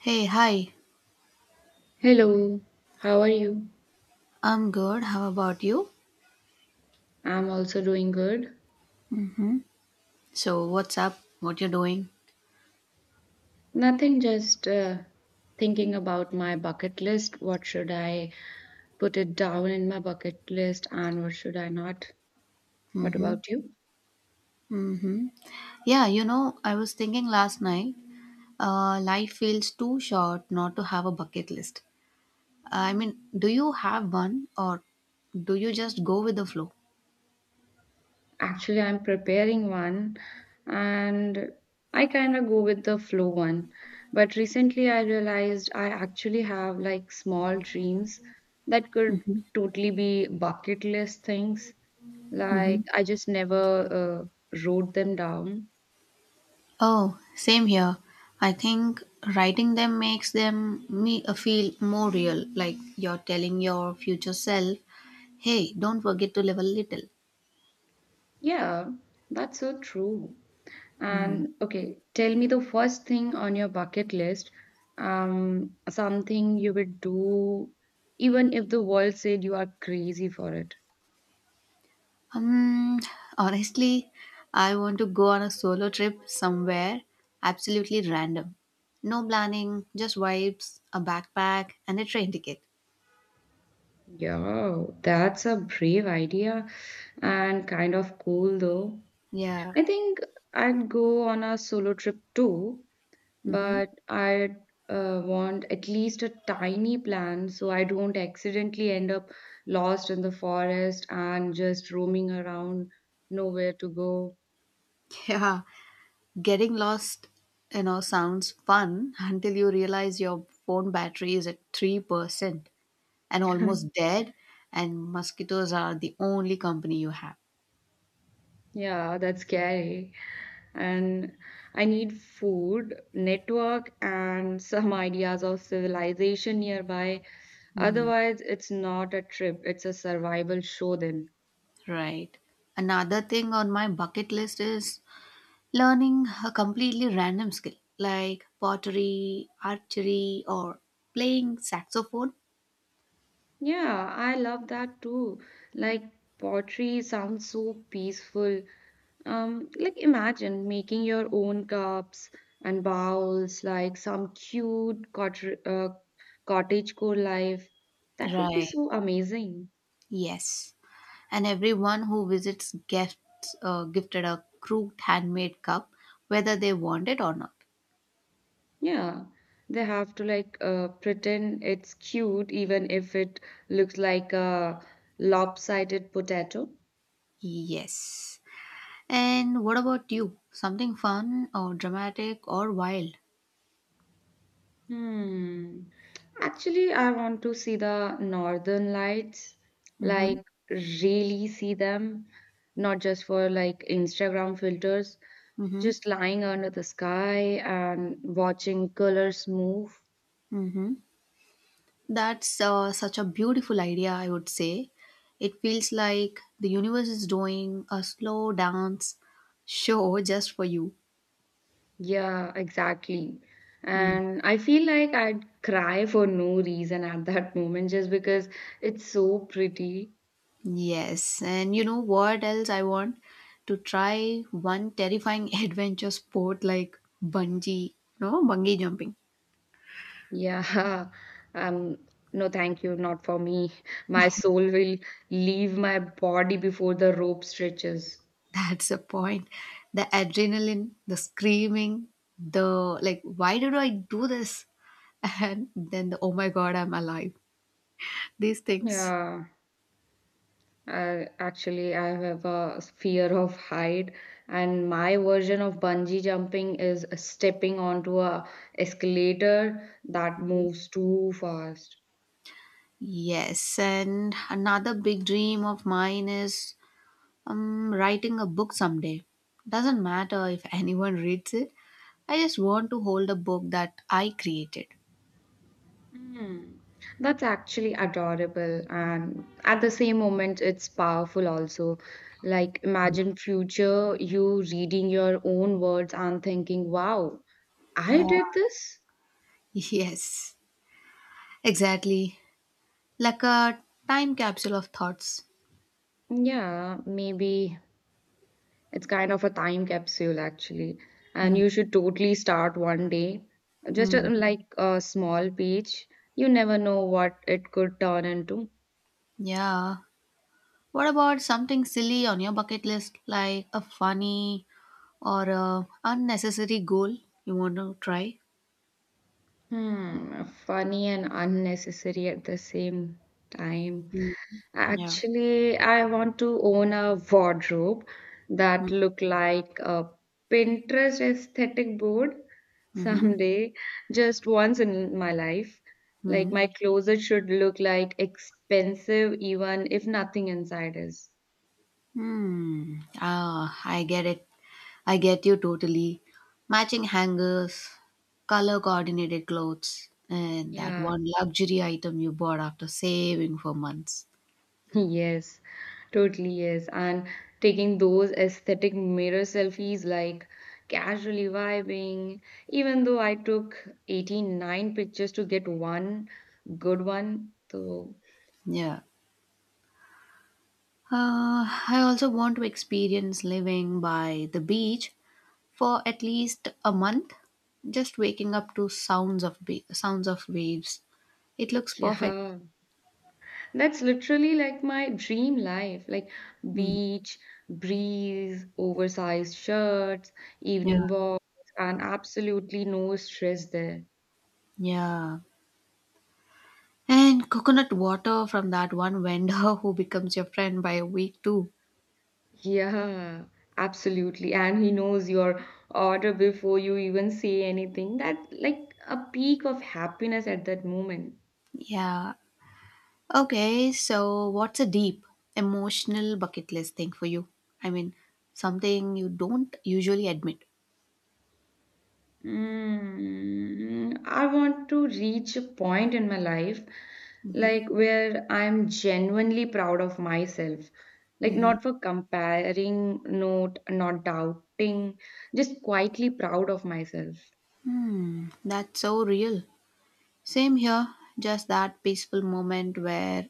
Hey, hi. Hello, how are you? I'm good. How about you? I'm also doing good. So, what's up? What you doing? Nothing, just thinking about my bucket list. What should I put it down in my bucket list and what should I not? What Mm-hmm. about you? Mm-hmm. Yeah, I was thinking last night, life feels too short not to have a bucket list. I mean, do you have one or do you just go with the flow? Actually, I'm preparing one and I kind of go with the flow one. But recently, I realized I actually have like small dreams that could Mm-hmm. totally be bucket list things. Like, Mm-hmm. I just never wrote them down. Oh, same here. I think writing them makes them me feel more real, like you're telling your future self, "Hey, don't forget to live a little." Yeah, that's so true. Hmm. And okay, tell me the first thing on your bucket list, something you would do even if the world said you are crazy for it. Um, Honestly, I want to go on a solo trip somewhere absolutely random. No planning, just vibes, a backpack, and a train ticket. Yeah, that's a brave idea and kind of cool though. Yeah. I think I'd go on a solo trip too, Mm-hmm. but I'd want at least a tiny plan so I don't accidentally end up lost in the forest and just roaming around nowhere to go. Yeah. Getting lost, sounds fun until you realize your phone battery is at 3% and almost dead, and mosquitoes are the only company you have. Yeah, that's scary. And I need food, network, and some ideas of civilization nearby. Mm, Otherwise, it's not a trip, it's a survival show then. right. Another thing on my bucket list is learning a completely random skill like pottery, archery, or playing saxophone. Yeah, I love that too. Like pottery sounds so peaceful. Like imagine making your own cups and bowls, like some cute cottage life. That would be Right. so amazing. Yes. And everyone who visits gets gifted a crooked handmade cup, whether they want it or not. Yeah, they have to like pretend it's cute even if it looks like a lopsided potato. Yes. And what about you? Something fun or dramatic or wild? Hmm. Actually, I want to see the northern lights, Mm hmm. like really see them, not just for like Instagram filters, Mm hmm. just lying under the sky and watching colors move. Mm hmm. That's such a beautiful idea, I would say. It feels like the universe is doing a slow dance show just for you. Yeah, exactly. Mm. And I feel like I'd cry for no reason at that moment just because it's so pretty. Yes, and you know what else I want? To try one terrifying adventure sport like bungee, no, bungee jumping. Yeah. Um, no, thank you, not for me. My soul will leave my body before the rope stretches. That's the point. The adrenaline, the screaming, the like, why did I do this? And then the oh my god, I'm alive. These things. Yeah. Actually, I have a fear of height, and my version of bungee jumping is stepping onto a escalator that moves too fast. Yes, and another big dream of mine is writing a book someday. Doesn't matter if anyone reads it, I just want to hold a book that I created. Hmm. That's actually adorable, and at the same moment, it's powerful also. Like, imagine future you reading your own words and thinking, wow, I Yeah, did this? yes, exactly. Like a time capsule of thoughts. Yeah, maybe it's kind of a time capsule actually. And Hmm. you should totally start one day, Hmm. like a small page. You never know what it could turn into. Yeah. What about something silly on your bucket list, like a funny or a unnecessary goal you want to try? Hmm, funny and unnecessary at the same time. Hmm. Yeah. Actually, I want to own a wardrobe that Hmm. look like a Pinterest aesthetic board Mm-hmm. someday, just once in my life. Like Hmm. my closet should look like expensive even if nothing inside is. Hmm. Ah, I get it. I get you totally. Matching hangers, color coordinated clothes, and that Yeah. one luxury item you bought after saving for months. Yes, totally yes. And taking those aesthetic mirror selfies, like casually vibing, even though I took 89 pictures to get one good one. So, Yeah. Uh, I also want to experience living by the beach for at least a month. Just waking up to sounds of waves. It looks perfect. yeah, that's literally like my dream life, like Hmm. beach, breeze, oversized shirts, Yeah. evening walks, and absolutely no stress there. Yeah. And coconut water from that one vendor who becomes your friend by a week too. Yeah, absolutely. And he knows your order before you even say anything. That like a peak of happiness at that moment. Yeah. Okay, so what's a deep emotional bucket list thing for you? I mean, something you don't usually admit. Mm, I want to reach a point in my life like where I'm genuinely proud of myself. Like not for comparing, not doubting, just quietly proud of myself. That's so real. Same here, just that peaceful moment where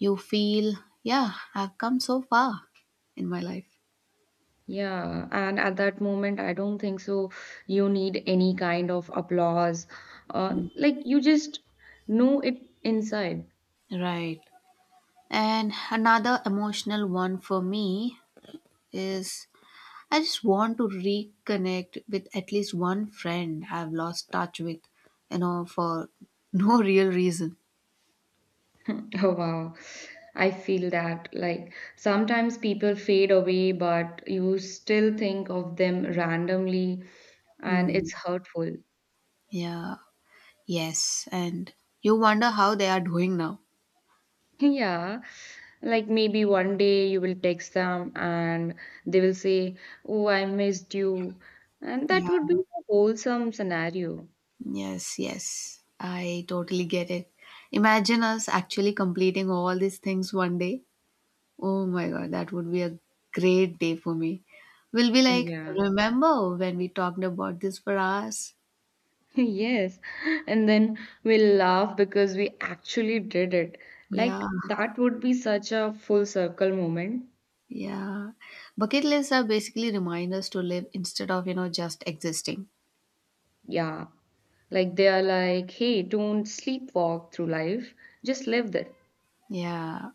you feel, yeah, I've come so far in my life. Yeah, and at that moment, I don't think so. You need any kind of applause. Mm. Like you just know it inside. Right. And another emotional one for me is I just want to reconnect with at least one friend I've lost touch with, for no real reason. Oh, wow. I feel that. Like sometimes people fade away, but you still think of them randomly, and Hmm. it's hurtful. Yeah. Yes. And you wonder how they are doing now. Yeah, like maybe one day you will text them and they will say, "Oh, I missed you." And that Yeah. would be a wholesome scenario. Yes. Yes. I totally get it. Imagine us actually completing all these things one day. Oh my God, that would be a great day for me. We'll be Mm, like, Yeah. remember when we talked about this for hours? Yes, and then we'll laugh because we actually did it. Like, Yeah. that would be such a full circle moment. Yeah. Bucket lists are basically reminders to live instead of, just existing. Yeah, like they are like, hey, don't sleepwalk through life, just live it. Yeah.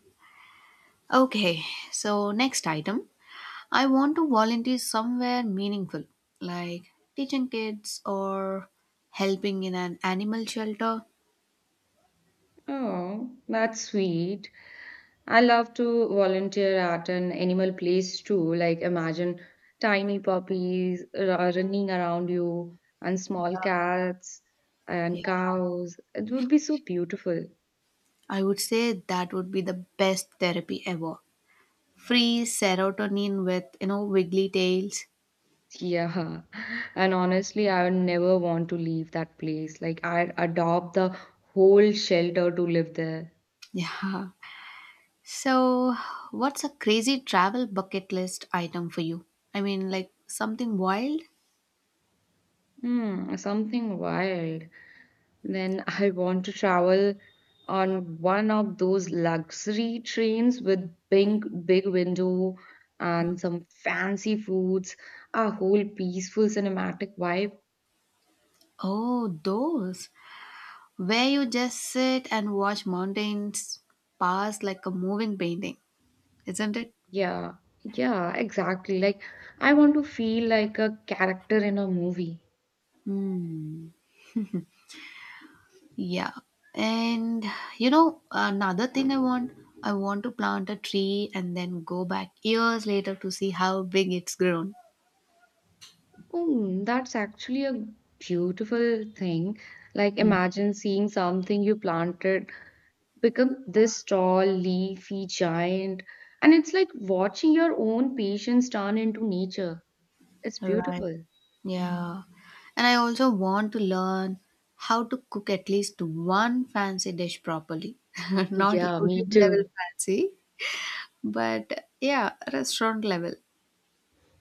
Okay. So, next item, I want to volunteer somewhere meaningful, like teaching kids or helping in an animal shelter. Oh, that's sweet. I love to volunteer at an animal place too. Like, imagine tiny puppies running around you and small cats Yeah. and cows. It would be so beautiful. I would say that would be the best therapy ever. Free serotonin with, wiggly tails. Yeah, and honestly, I would never want to leave that place. Like, I'd adopt the whole shelter to live there. Yeah. So, what's a crazy travel bucket list item for you? I mean, like something wild? Hmm, something wild. Then I want to travel on one of those luxury trains with big, big window and some fancy foods, a whole peaceful cinematic vibe. Oh, those where you just sit and watch mountains pass like a moving painting, isn't it? Yeah, yeah, exactly. Like, I want to feel like a character in a movie. Hmm. Yeah. And another thing I want to plant a tree and then go back years later to see how big it's grown. Oh, that's actually a beautiful thing. Like, Hmm. imagine seeing something you planted become this tall, leafy giant. And it's like watching your own patience turn into nature. It's Right. beautiful. Yeah. And I also want to learn how to cook at least one fancy dish properly. Not Yeah, me YouTube level too. fancy, but yeah, restaurant level.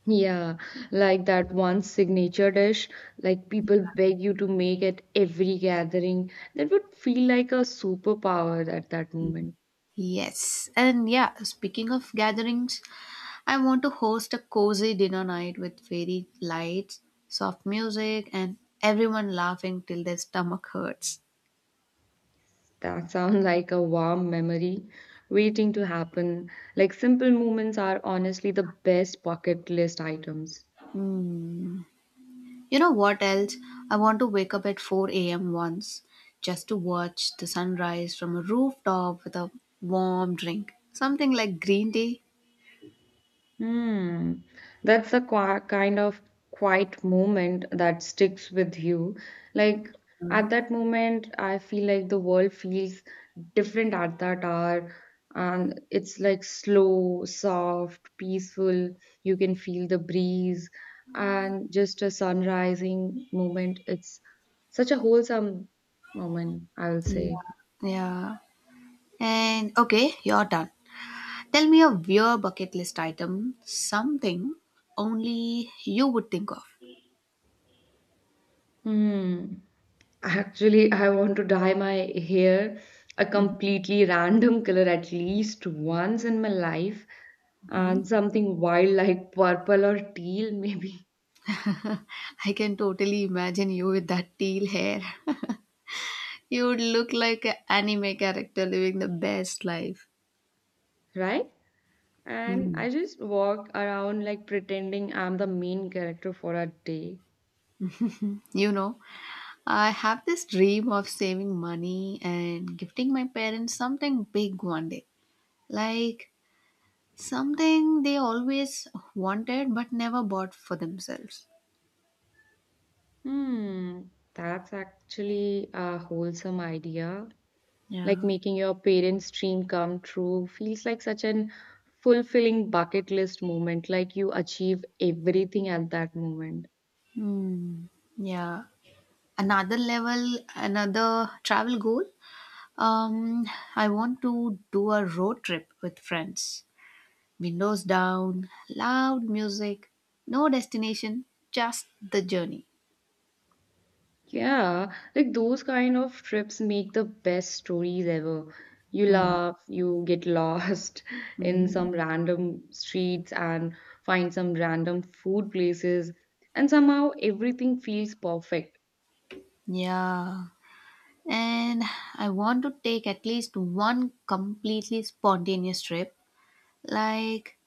Yeah, like that one signature dish, like people beg you to make at every gathering. That would feel like a superpower at that moment. Yes. And yeah, speaking of gatherings, I want to host a cozy dinner night with fairy lights, soft music, and everyone laughing till their stomach hurts. That sounds like a warm memory waiting to happen. Like simple moments are honestly the best bucket list items. Hmm. You know what else? I want to wake up at 4 a.m. once just to watch the sunrise from a rooftop with a warm drink. Something like green tea. Hmm. That's a qua kind of quiet moment that sticks with you. Like at that moment, I feel like the world feels different at that hour. And it's like slow, soft, peaceful. You can feel the breeze and just a sun rising moment. It's such a wholesome moment, I would say. Yeah. Yeah. And okay, you're done. Tell me of your bucket list item, something only you would think of. Hmm. Actually, I want to dye my hair a completely random color at least once in my life, Hmm. and something wild like purple or teal, maybe, I can totally imagine you with that teal hair. You would look like an anime character living the best life. right? And Hmm. I just walk around like pretending I'm the main character for a day. You know, I have this dream of saving money and gifting my parents something big one day. Like something they always wanted but never bought for themselves. Hmm, that's actually a wholesome idea. Like Yeah. making your parents' dream come true feels like such an fulfilling bucket list moment, like you achieve everything at that moment. Hmm. Yeah. Another level, another travel goal. Um, I want to do a road trip with friends. Windows down, loud music, no destination, just the journey. Yeah, like those kind of trips make the best stories ever. You Hmm. laugh, you get lost in some Hmm. random streets and find some random food places, and somehow everything feels perfect. Yeah. And I want to take at least one completely spontaneous trip, like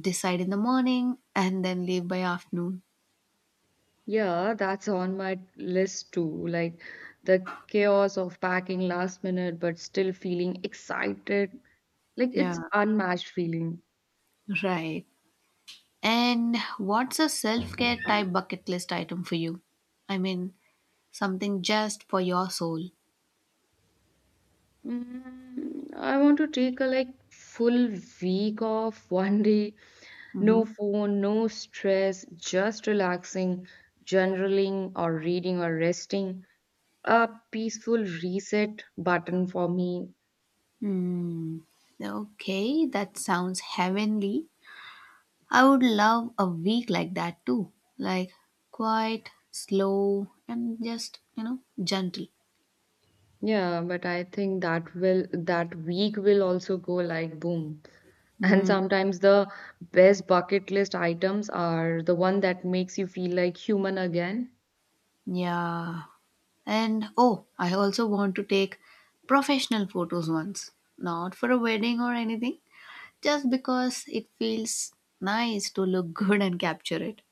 decide in the morning and then leave by afternoon. Yeah, that's on my list too. Like the chaos of packing last minute, but still feeling excited. Like it's Yeah, unmatched feeling. right. And what's a self care type bucket list item for you? I mean, something just for your soul. Mm, I want to take a like full week off, one day, no Mm-hmm. phone, no stress, just relaxing, journaling or reading or resting. A peaceful reset button for me. Hmm. Okay, that sounds heavenly. I would love a week like that too. Like quiet, slow, and just, gentle. Yeah, but I think that week will also go like boom. And Hmm. sometimes the best bucket list items are the one that makes you feel like human again. Yeah. And oh, I also want to take professional photos once. Not for a wedding or anything, just because it feels nice to look good and capture it.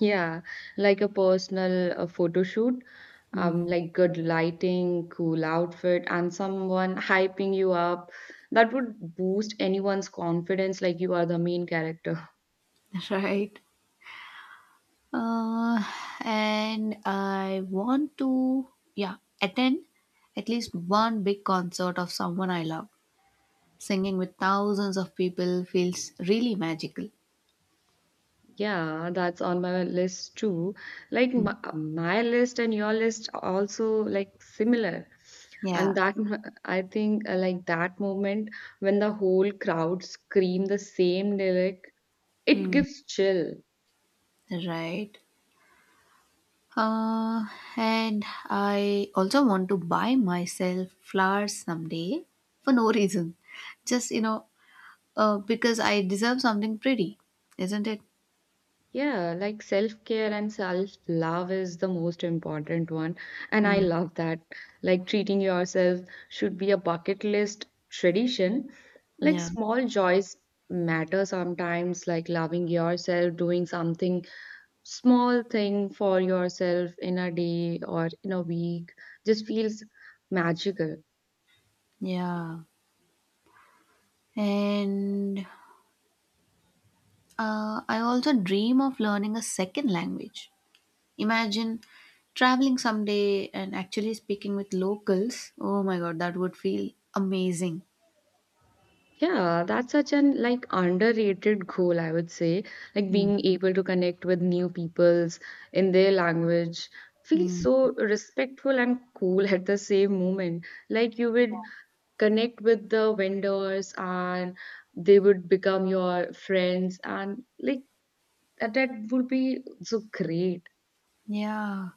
Yeah, like a personal photo shoot, Hmm. like good lighting, cool outfit, and someone hyping you up. That would boost anyone's confidence like you are the main character. Right. Uh, and I want to, yeah, attend at least one big concert of someone I love. Singing with thousands of people feels really magical. Yeah, that's on my list too. Like Hmm. my list and your list are also like similar. Yeah. And I think like that moment when the whole crowd scream the same lyric, it Hmm. gives chill. Right. Uh, and I also want to buy myself flowers someday for no reason. Just, because I deserve something pretty, isn't it? Yeah, like self care and self love is the most important one. And I Mm. love that. Like treating yourself should be a bucket list tradition. Like Yeah. small joys matter sometimes, like loving yourself, doing something small thing for yourself in a day or in a week just feels magical. Yeah. And I also dream of learning a second language. Imagine traveling someday and actually speaking with locals. Oh my God, that would feel amazing. Yeah, that's such an like underrated goal, I would say. Like Mm. being able to connect with new peoples in their language feels Mm. so respectful and cool at the same moment. Like you would connect with the vendors and they would become your friends and like that would be so great. Yeah.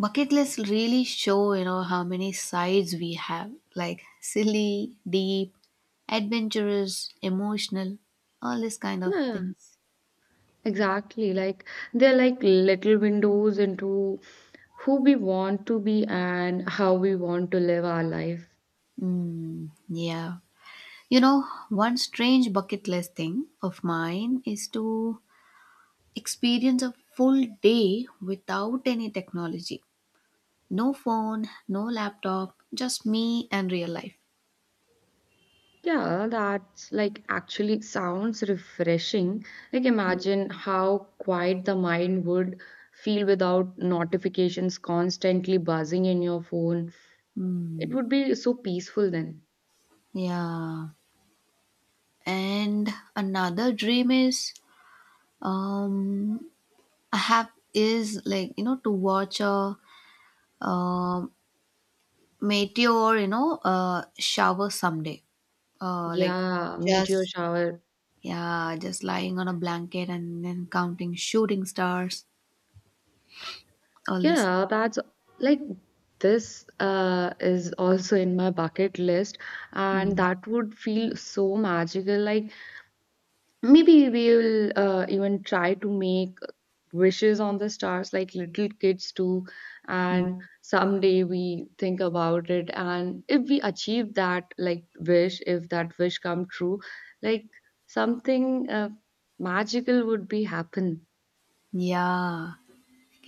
Bucket lists really show, how many sides we have like silly, deep, adventurous, emotional, all these kind of Yeah, things. exactly. Like they're like little windows into who we want to be and how we want to live our life. Mm, yeah. One strange bucket list thing of mine is to experience a full day without any technology. No phone, no laptop, just me and real life. Yeah, that's like actually sounds refreshing. Like, imagine how quiet the mind would feel without notifications constantly buzzing in your phone. It Hmm. would be so peaceful then. Yeah. And another dream is um I have is to watch a uh, meteor shower someday, like Yeah, meteor just shower. yeah just lying on a blanket and then counting shooting stars, all this. Yeah, that's like this is also in my bucket list, and Mm, that would feel so magical. Like, maybe we will even try to make wishes on the stars like little kids do, mm. and someday we think about it, and if we achieve that like wish, if that wish come true, like something magical would be happen. Yeah,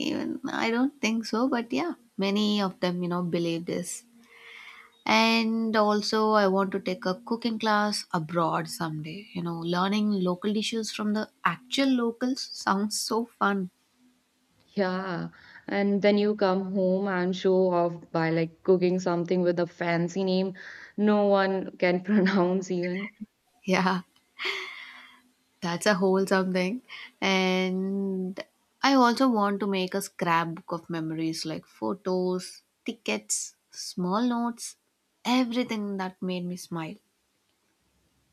even I don't think so, but yeah, many of them, believe this. And also I want to take a cooking class abroad someday. Learning local dishes from the actual locals sounds so fun. Yeah. And then you come home and show off by like cooking something with a fancy name no one can pronounce even. Yeah, that's a whole something. And I also want to make a scrapbook of memories like photos, tickets, small notes, everything that made me smile.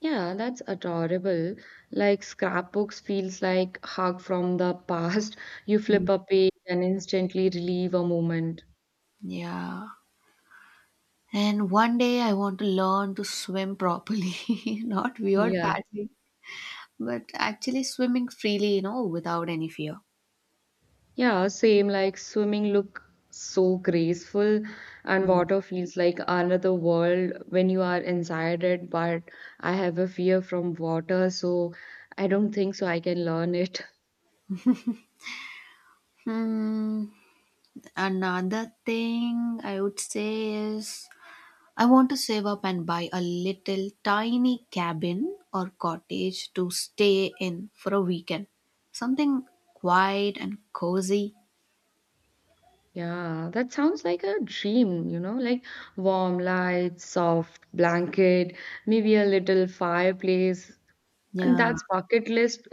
Yeah, that's adorable. Like scrapbooks feels like hug from the past. You Mm. flip a page and instantly relieve a moment. Yeah. And one day I want to learn to swim properly, not weird Yeah. paddling, but actually swimming freely, without any fear. Yeah, same like swimming look so graceful and Mm. water feels like another world when you are inside it, but I have a fear from water, so I don't think so I can learn it. Hmm. Another thing I would say is I want to save up and buy a little tiny cabin or cottage to stay in for a weekend. Something quiet and cozy. Yeah, that sounds like a dream, like warm lights, soft blanket, maybe a little fireplace. And Yeah, that's bucket list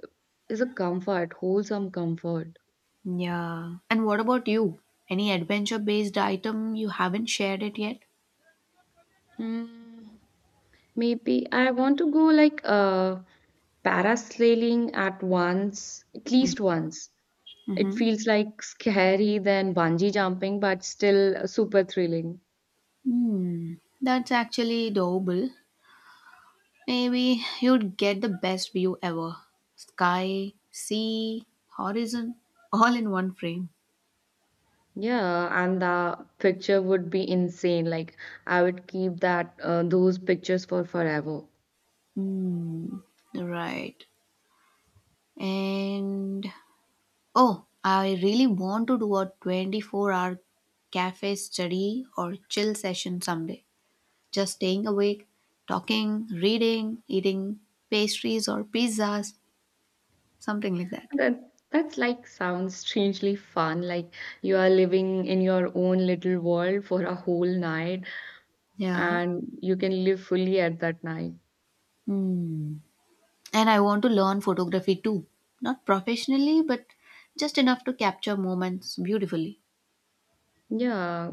is a comfort, wholesome comfort. yeah. And what about you? Any adventure based item you haven't shared it yet? Hmm, maybe I want to go like parasailing at once, at least once. It Mm-hmm. feels like scary than bungee jumping, but still super thrilling. Hmm, that's actually doable. Maybe you'd get the best view ever. Sky, sea, horizon, all in one frame. Yeah, and the picture would be insane. Like I would keep that those pictures for forever. Hmm, right. And oh, I really want to do a 24-hour cafe study or chill session someday. Just staying awake, talking, reading, eating pastries or pizzas, something like that. That's like sounds strangely fun. Like you are living in your own little world for a whole night, Yeah. and you can live fully at that night. Hmm. And I want to learn photography too. Not professionally, but just enough to capture moments beautifully. Yeah,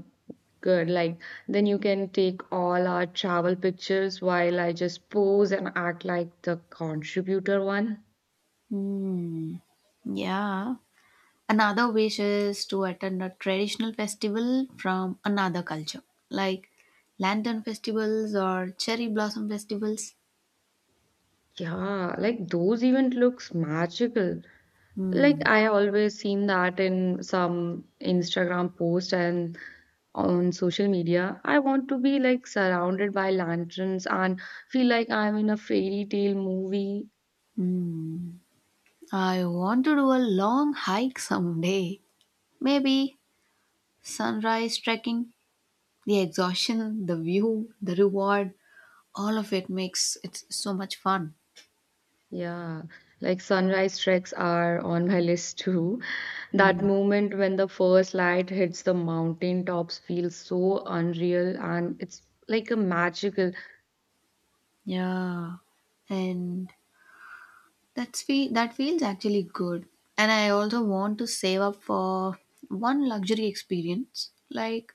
good. Like then you can take all our travel pictures while I just pose and act like the contributor one. Hmm. Yeah. Another wish is to attend a traditional festival from another culture, like lantern festivals or cherry blossom festivals. Yeah, like those even looks magical. Like, Hmm. I always seen that in some Instagram post and on social media. I want to be like surrounded by lanterns and feel like I'm in a fairy tale movie. Hmm. I want to do a long hike someday. Maybe sunrise trekking, the exhaustion, the view, the reward, all of it makes it so much fun. Yeah, like sunrise treks are on my list too. That Hmm. moment when the first light hits the mountain tops feels so unreal and it's like a magical. Yeah. And that feels actually good. And I also want to save up for one luxury experience, like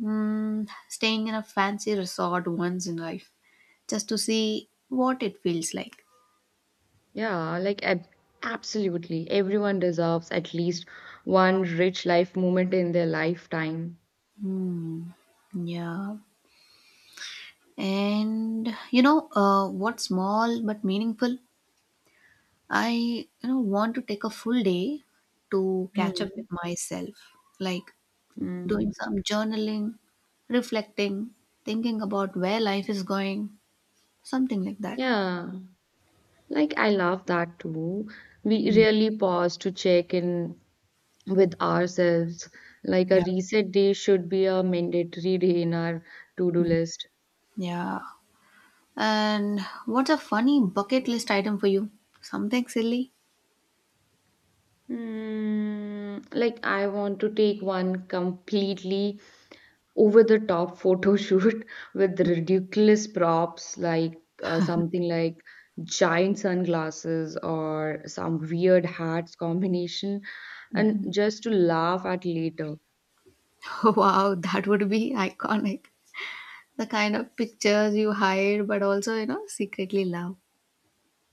staying in a fancy resort once in life, just to see what it feels like. Yeah, like absolutely. Everyone deserves at least one rich life moment in their lifetime. Hmm. Yeah. And what small but meaningful? I want to take a full day to catch up Mm. with myself. Like Mm. doing some journaling, reflecting, thinking about where life is going, something like that. Yeah, like I love that too. We Mm, really pause to check in with ourselves. Like a yeah. reset day should be a mandatory day in our to-do Mm, list. yeah. And what's a funny bucket list item for you? Something silly? Mm, like I want to take one completely over the top photo shoot with ridiculous props like something like giant sunglasses or some weird hats combination and just to laugh at later. Wow, that would be iconic. The kind of pictures you hide but also, secretly love.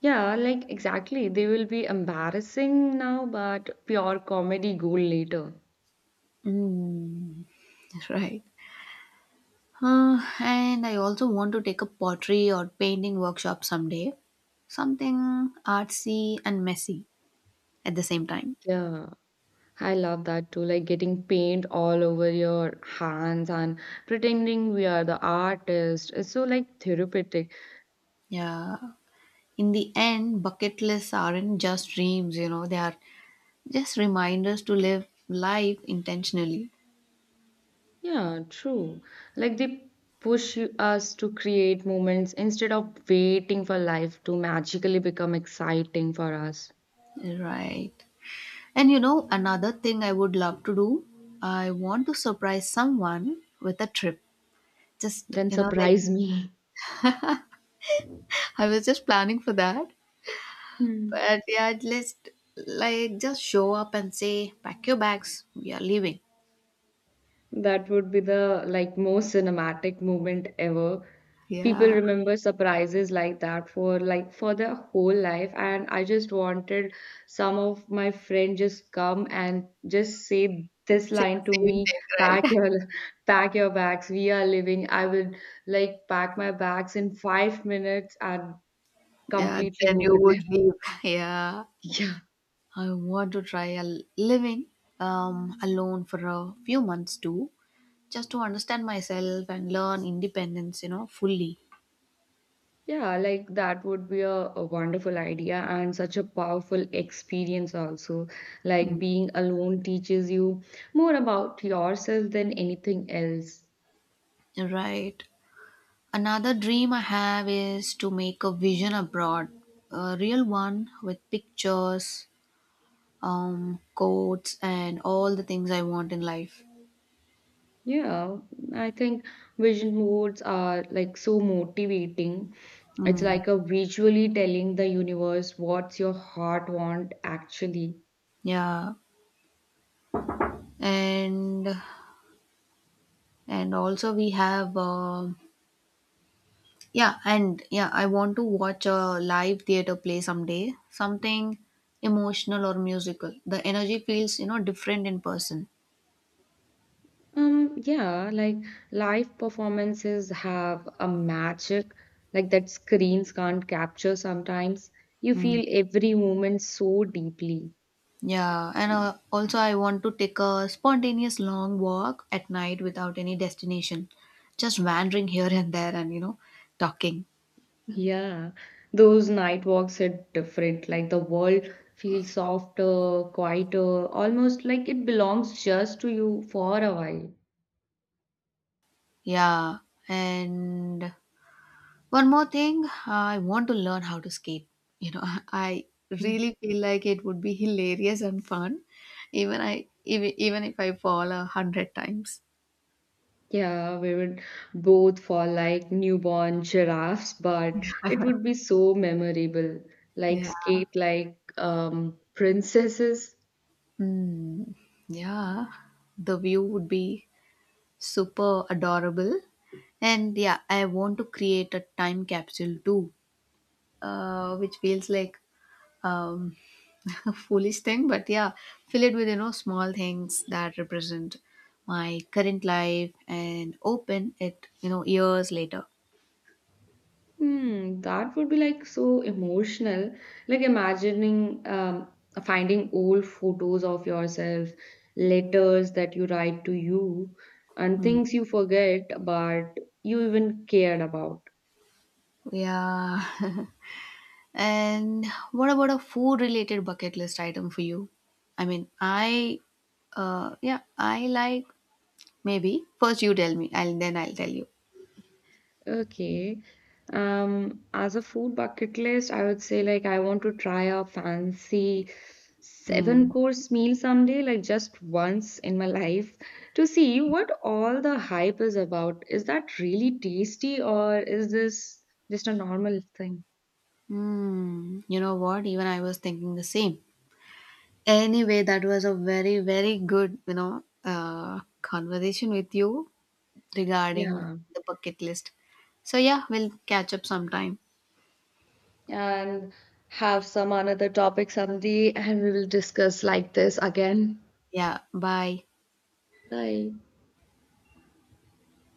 Yeah, like exactly. They will be embarrassing now, but pure comedy gold later. Mm, right. And I also want to take a pottery or painting workshop someday. Something artsy and messy at the same time. Yeah, I love that too. Like getting paint all over your hands and pretending we are the artist. It's so like therapeutic. Yeah. In the end, bucket lists aren't just dreams, they are just reminders to live life intentionally. Yeah, true. Like they push us to create moments instead of waiting for life to magically become exciting for us. Right. And another thing I would love to do, I want to surprise someone with a trip. Just, Then like surprise me. I was just planning for that. Hmm. But yeah, at least like just show up and say, pack your bags, we are leaving. That would be the like most cinematic moment ever. People Yeah. remember surprises like that for their whole life, and I just wanted some of my friend just come and just say this Say line to the me, same thing, pack right? your pack your bags, we are leaving. I would like pack my bags in 5 minutes and Yeah, completely then go you with would them. leave. Yeah. I want to try a living alone for a few months too, just to understand myself and learn independence, fully. Yeah, like that would be a, wonderful idea and such a powerful experience, also. Like Mm. being alone teaches you more about yourself than anything else. Right. Another dream I have is to make a vision abroad, a real one with pictures, quotes, and all the things I want in life. Yeah, I think vision boards are like so motivating. It's Mm. like a visually telling the universe what's your heart want actually. Yeah, and and also we have yeah, and yeah, I want to watch a live theater play someday, something emotional or musical. The energy feels, different in person. Yeah, like live performances have a magic like that screens can't capture sometimes. You Mm. feel every moment so deeply. Yeah, and also I want to take a spontaneous long walk at night without any destination, just wandering here and there and, talking. Yeah, those night walks are different. Like the world feels softer, quieter, almost like it belongs just to you for a while. Yeah, and one more thing, I want to learn how to skate. You know, I really feel like it would be hilarious and fun, even if I fall 100 times. Yeah, we would both fall like newborn giraffes, but it would be so memorable. Like Yeah. skate like princesses. Mm, yeah. The view would be super adorable. And yeah, I want to create a time capsule too, which feels like um, a foolish thing, but yeah, fill it with small things that represent my current life and open it years later. Hmm, that would be like so emotional. Like imagining finding old photos of yourself, letters that you write to you, and Hmm. things you forget, but you even cared about. Yeah. And what about a food related bucket list item for you? I mean, I like maybe first you tell me and then I'll tell you. Okay. As a food bucket list, I would say like I want to try a fancy seven Hmm. course meal someday, like just once in my life, to see what all the hype is about. Is that really tasty or is this just a normal thing? Hmm. You know what? Even I was thinking the same. Anyway, that was a very, very good, conversation with you regarding Yeah. the bucket list. So, yeah, we'll catch up sometime. And have some another topic someday and we will discuss like this again. Yeah, bye. Bye.